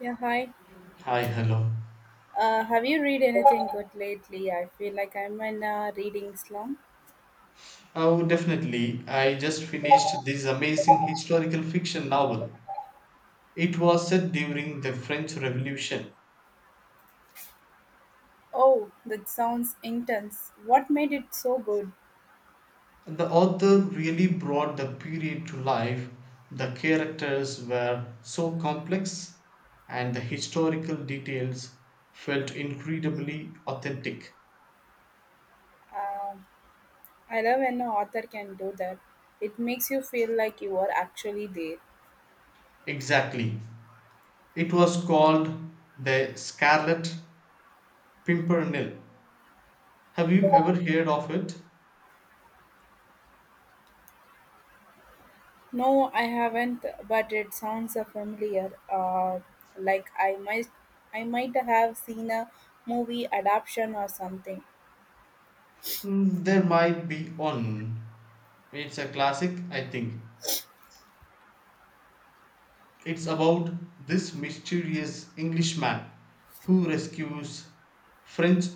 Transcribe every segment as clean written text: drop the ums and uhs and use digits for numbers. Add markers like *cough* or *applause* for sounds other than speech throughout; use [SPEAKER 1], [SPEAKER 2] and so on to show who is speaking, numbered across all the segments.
[SPEAKER 1] Yeah, hi.
[SPEAKER 2] Hi, hello.
[SPEAKER 1] Have you read anything good lately? I feel like I'm in a reading slump.
[SPEAKER 2] Oh, definitely. I just finished this amazing historical fiction novel. It was set during the French Revolution.
[SPEAKER 1] Oh, that sounds intense. What made it so good?
[SPEAKER 2] The author really brought the period to life. The characters were so complex, and the historical details felt incredibly authentic.
[SPEAKER 1] Um I love when an author can do that. It makes you feel like you are actually there.
[SPEAKER 2] Exactly. It was called The Scarlet Pimpernel. Have you ever heard of it?
[SPEAKER 1] No, I haven't, but it sounds familiar. Like I might have seen a movie adaptation or something.
[SPEAKER 2] There might be one. It's a classic, I think. It's about this mysterious Englishman who rescues French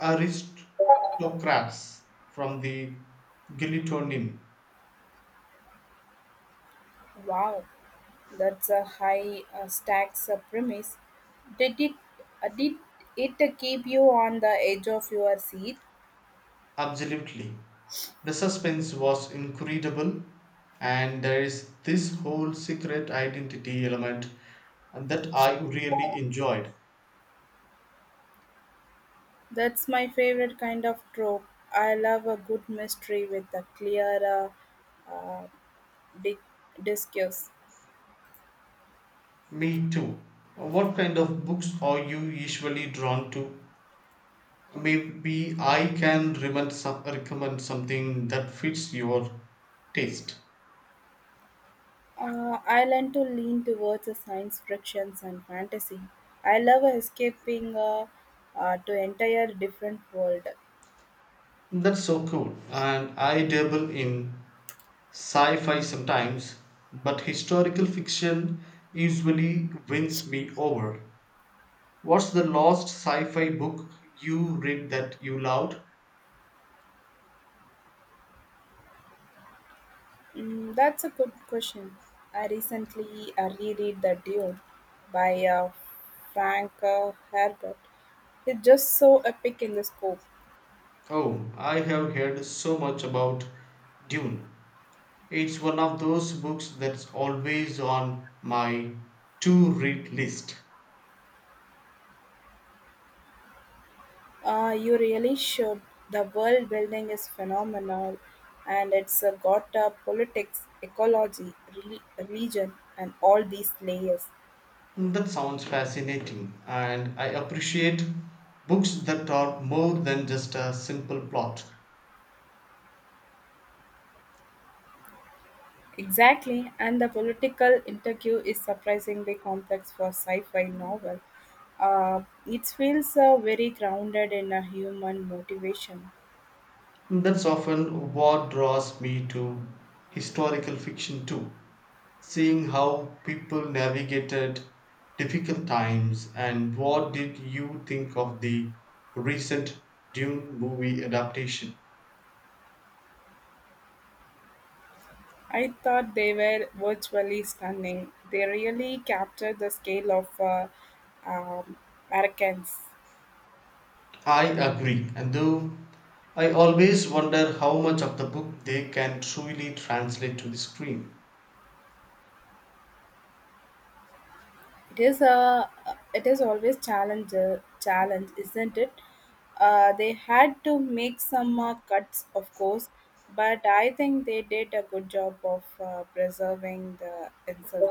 [SPEAKER 2] aristocrats from the guillotine.
[SPEAKER 1] Wow, that's a high stacks premise. Did it did it keep you on the edge of your seat?
[SPEAKER 2] Absolutely. The suspense was incredible, and there is this whole secret identity element that I really enjoyed.
[SPEAKER 1] That's my favorite kind of trope. I love a good mystery with a clear uh, uh, di- discourse.
[SPEAKER 2] Me too. What kind of books are you usually drawn to? Maybe I can recommend something that fits your taste.
[SPEAKER 1] I learn to lean towards the science frictions and fantasy. I love escaping to entire different world.
[SPEAKER 2] That's so cool. And I dabble in sci fi sometimes, but historical fiction usually wins me over. What's the last sci fi book you read that you loved?
[SPEAKER 1] Mm, that's a good question. I recently reread The Dune by Frank Herbert. It's just so epic in the scope.
[SPEAKER 2] Oh, I have heard so much about Dune. It's one of those books that's always on my to read list.
[SPEAKER 1] You really should. The world building is phenomenal and it's got politics, ecology, religion, and all these layers.
[SPEAKER 2] That sounds fascinating, and I appreciate books that are more than just a simple plot.
[SPEAKER 1] Exactly, and the political interview is surprisingly complex for sci-fi novel. It feels very grounded in a human motivation.
[SPEAKER 2] That's often what draws me to historical fiction, too. Seeing how people navigated difficult times, and what did you think of the recent Dune movie adaptation?
[SPEAKER 1] I thought they were virtually stunning. They really captured the scale of um, Americans.
[SPEAKER 2] I agree, and though I always wonder how much of the book they can truly translate to the screen.
[SPEAKER 1] It is a it is always challenge challenge, isn't it? They had to make some cuts, of course, but I think they did a good job of preserving the insult.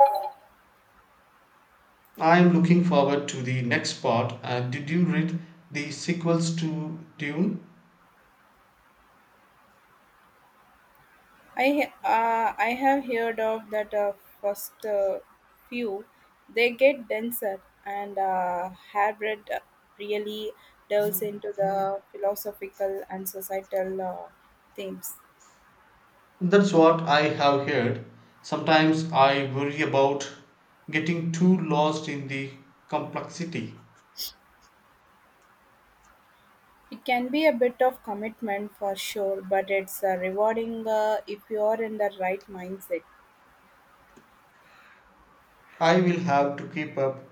[SPEAKER 2] I'm looking forward to the next part. Did you read the sequels to Dune?
[SPEAKER 1] I have heard of that first few, they get denser and hybrid really delves into the philosophical and societal themes.
[SPEAKER 2] That's what I have heard. Sometimes I worry about getting too lost in the complexity.
[SPEAKER 1] It can be a bit of commitment for sure, but it's rewarding if you're in the right mindset.
[SPEAKER 2] I will have to keep up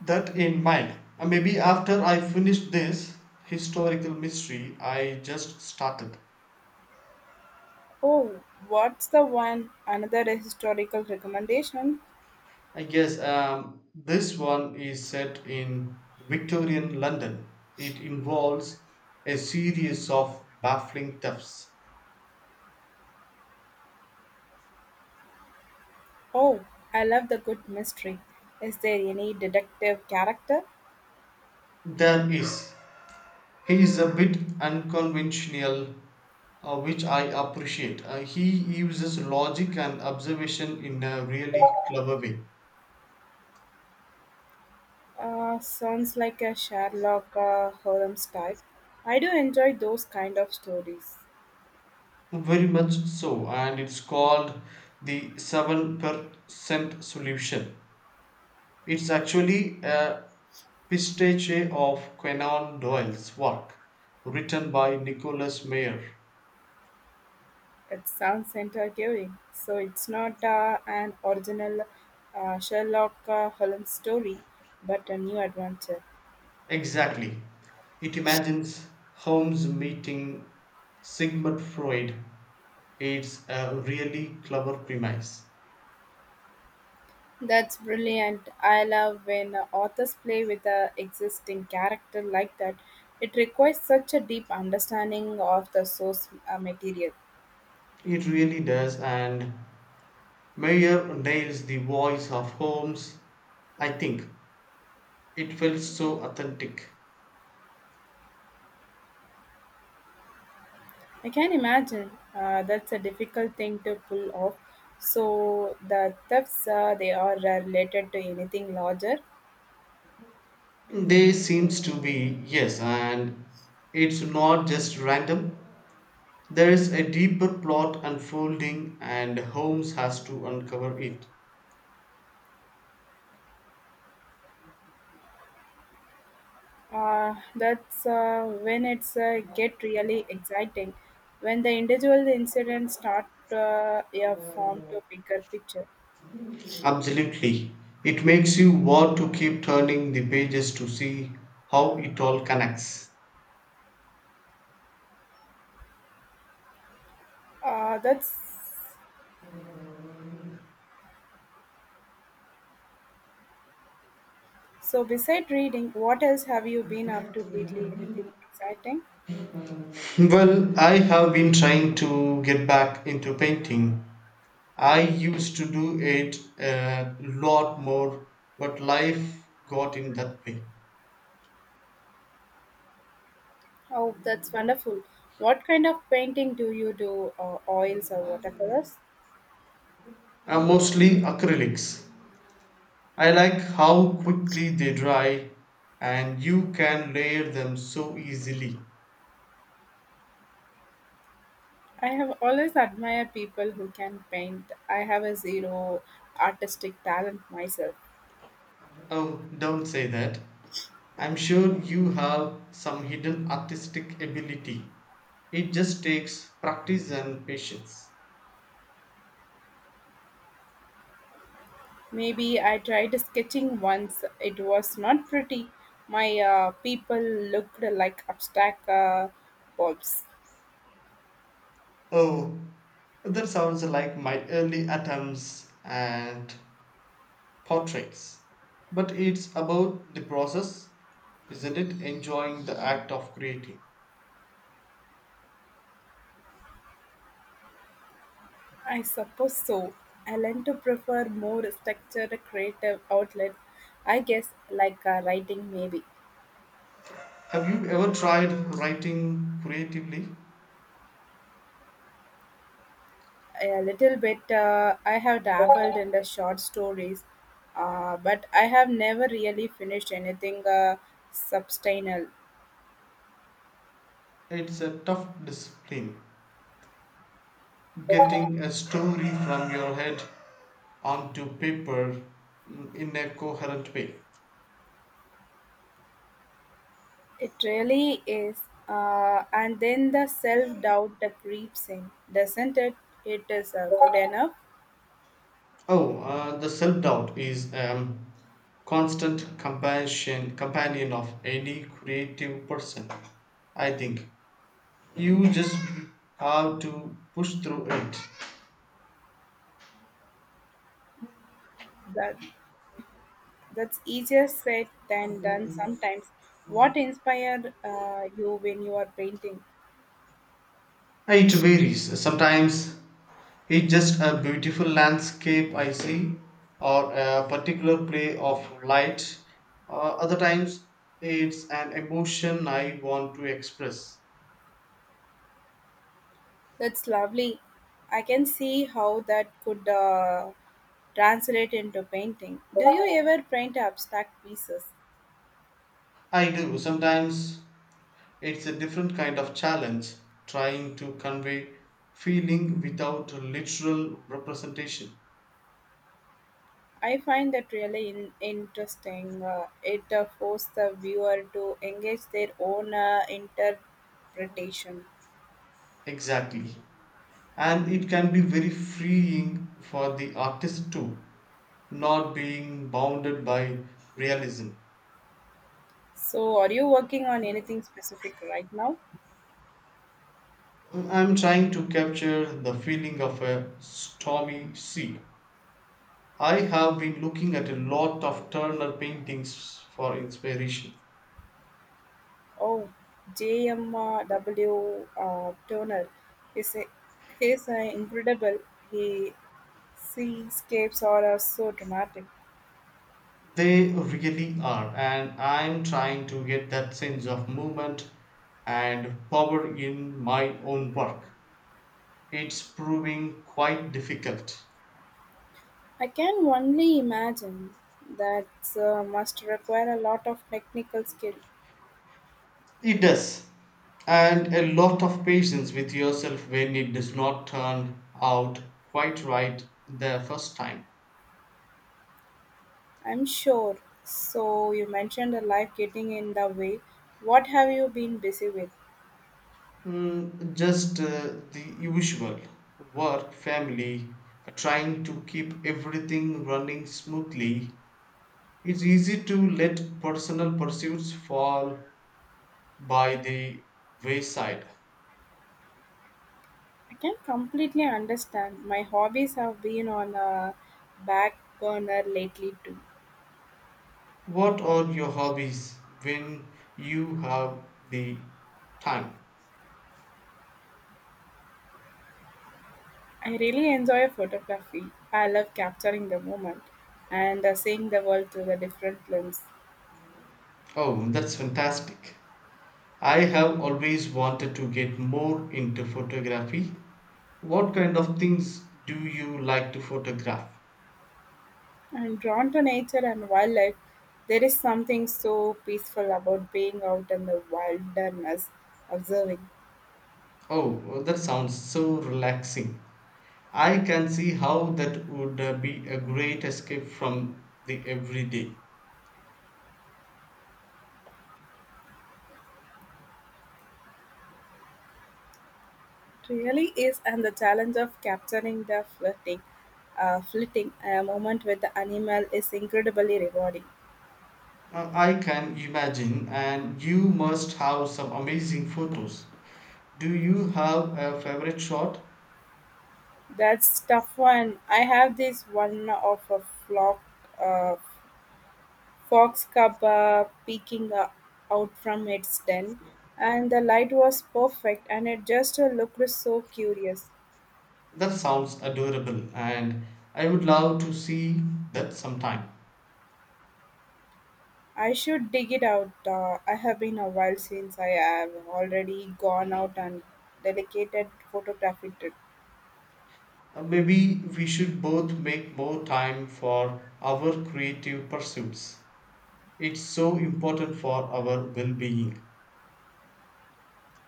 [SPEAKER 2] that in mind. Maybe after I finish this historical mystery I just started.
[SPEAKER 1] Oh, what's the one? Another historical recommendation.
[SPEAKER 2] I guess this one is set in Victorian London. It involves a series of baffling thefts.
[SPEAKER 1] Oh, I love the good mystery. Is there any detective character?
[SPEAKER 2] There is he is a bit unconventional, which I appreciate. He uses logic and observation in a really clever way.
[SPEAKER 1] Sounds like a Sherlock Holmes type. I do enjoy those kind of stories.
[SPEAKER 2] Very much so, and it's called the 7% Solution. It's actually a pastiche of Conan Doyle's work, written by Nicholas Meyer.
[SPEAKER 1] It sounds intriguing. So it's not an original Sherlock Holmes story, but a new adventure.
[SPEAKER 2] Exactly. It imagines Holmes meeting Sigmund Freud. It's a really clever premise.
[SPEAKER 1] That's brilliant. I love when authors play with a existing character like that. It requires such a deep understanding of the source material.
[SPEAKER 2] It really does, and Meyer nails the voice of Holmes. I think it felt so authentic.
[SPEAKER 1] I can imagine that's a difficult thing to pull off. So the thefts they are related to anything larger.
[SPEAKER 2] There seems to be, yes, and it's not just random. There is a deeper plot unfolding, and Holmes has to uncover it.
[SPEAKER 1] That's When it's get really exciting. When the individual incidents start a form to bigger picture.
[SPEAKER 2] Absolutely. It makes you want to keep turning the pages to see how it all connects.
[SPEAKER 1] That's So, beside reading, what else have you been up to lately? Anything exciting?
[SPEAKER 2] *laughs* Well, I have been trying to get back into painting. I used to do it a lot more, but life got in that way.
[SPEAKER 1] Oh, that's wonderful. What kind of painting do you do? Oils or watercolors?
[SPEAKER 2] Mostly acrylics. I like how quickly they dry and you can layer them so easily.
[SPEAKER 1] I have always admired people who can paint. I have a zero artistic talent myself.
[SPEAKER 2] Oh, don't say that. I'm sure you have some hidden artistic ability. It just takes practice and patience.
[SPEAKER 1] Maybe I tried sketching once. It was not pretty. My people looked like abstract bulbs.
[SPEAKER 2] Oh, that sounds like my early attempts at portraits. But it's about the process, isn't it? Enjoying the act of creating.
[SPEAKER 1] I suppose so. I learned to prefer more structured creative outlet, I guess, like writing maybe.
[SPEAKER 2] Have you ever tried writing creatively?
[SPEAKER 1] A little bit, I have dabbled in the short stories, but I have never really finished anything substantial.
[SPEAKER 2] It's a tough discipline, getting a story from your head onto paper in a coherent way.
[SPEAKER 1] It really is. And then the self doubt that creeps in, doesn't it? It is good enough.
[SPEAKER 2] Oh, the self doubt is a constant companion of any creative person. I think you just have to push through it.
[SPEAKER 1] That That's easier said than done sometimes. What inspired you when you are painting?
[SPEAKER 2] It varies. Sometimes it's just a beautiful landscape I see, or a particular play of light. Uh, other times, it's an emotion I want to express.
[SPEAKER 1] That's lovely. I can see how that could translate into painting. Do you ever paint abstract pieces?
[SPEAKER 2] I do. Sometimes it's a different kind of challenge, trying to convey feeling without literal representation.
[SPEAKER 1] I find that really interesting. It forces the viewer to engage their own interpretation.
[SPEAKER 2] Exactly. And it can be very freeing for the artist too, not being bounded by realism.
[SPEAKER 1] So, are you working on anything specific right now?
[SPEAKER 2] I'm trying to capture the feeling of a stormy sea. I have been looking at a lot of Turner paintings for inspiration.
[SPEAKER 1] Oh, JMW Turner is a, he's incredible. His seascapes are so dramatic.
[SPEAKER 2] They really are, and I'm trying to get that sense of movement and power in my own work. It's proving quite difficult.
[SPEAKER 1] I can only imagine that must require a lot of technical skill.
[SPEAKER 2] It does, and a lot of patience with yourself when it does not turn out quite right the first time.
[SPEAKER 1] I'm sure. So you mentioned the life getting in the way. What have you been busy with?
[SPEAKER 2] Just the usual work, family, trying to keep everything running smoothly. It's easy to let personal pursuits fall by the wayside.
[SPEAKER 1] I can completely understand. My hobbies have been on a back burner lately too.
[SPEAKER 2] What are your hobbies when you have the time?
[SPEAKER 1] I really enjoy photography. I love capturing the moment and seeing the world through the different lens.
[SPEAKER 2] Oh, that's fantastic. I have always wanted to get more into photography. What kind of things do you like to photograph?
[SPEAKER 1] I'm drawn to nature and wildlife. There is something so peaceful about being out in the wilderness, observing.
[SPEAKER 2] Oh, well, that sounds so relaxing. I can see how that would be a great escape from the everyday.
[SPEAKER 1] It really is, and the challenge of capturing the flitting moment with the animal is incredibly rewarding.
[SPEAKER 2] I can imagine, and you must have some amazing photos. Do you have a favorite shot?
[SPEAKER 1] That's tough one. I have this one of a flock. Uh, fox cub peeking out from its den, and the light was perfect, and it just looked so curious.
[SPEAKER 2] That sounds adorable, and I would love to see that sometime.
[SPEAKER 1] I should dig it out. I have been a while since I have already gone out and dedicated photographic trip.
[SPEAKER 2] Maybe we should both make more time for our creative pursuits. It's so important for our well being.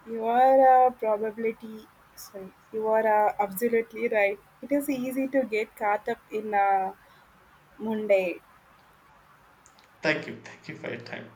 [SPEAKER 1] You are a probability. Sorry, you are absolutely right. It is easy to get caught up in a Monday.
[SPEAKER 2] Thank you. Thank you for your time.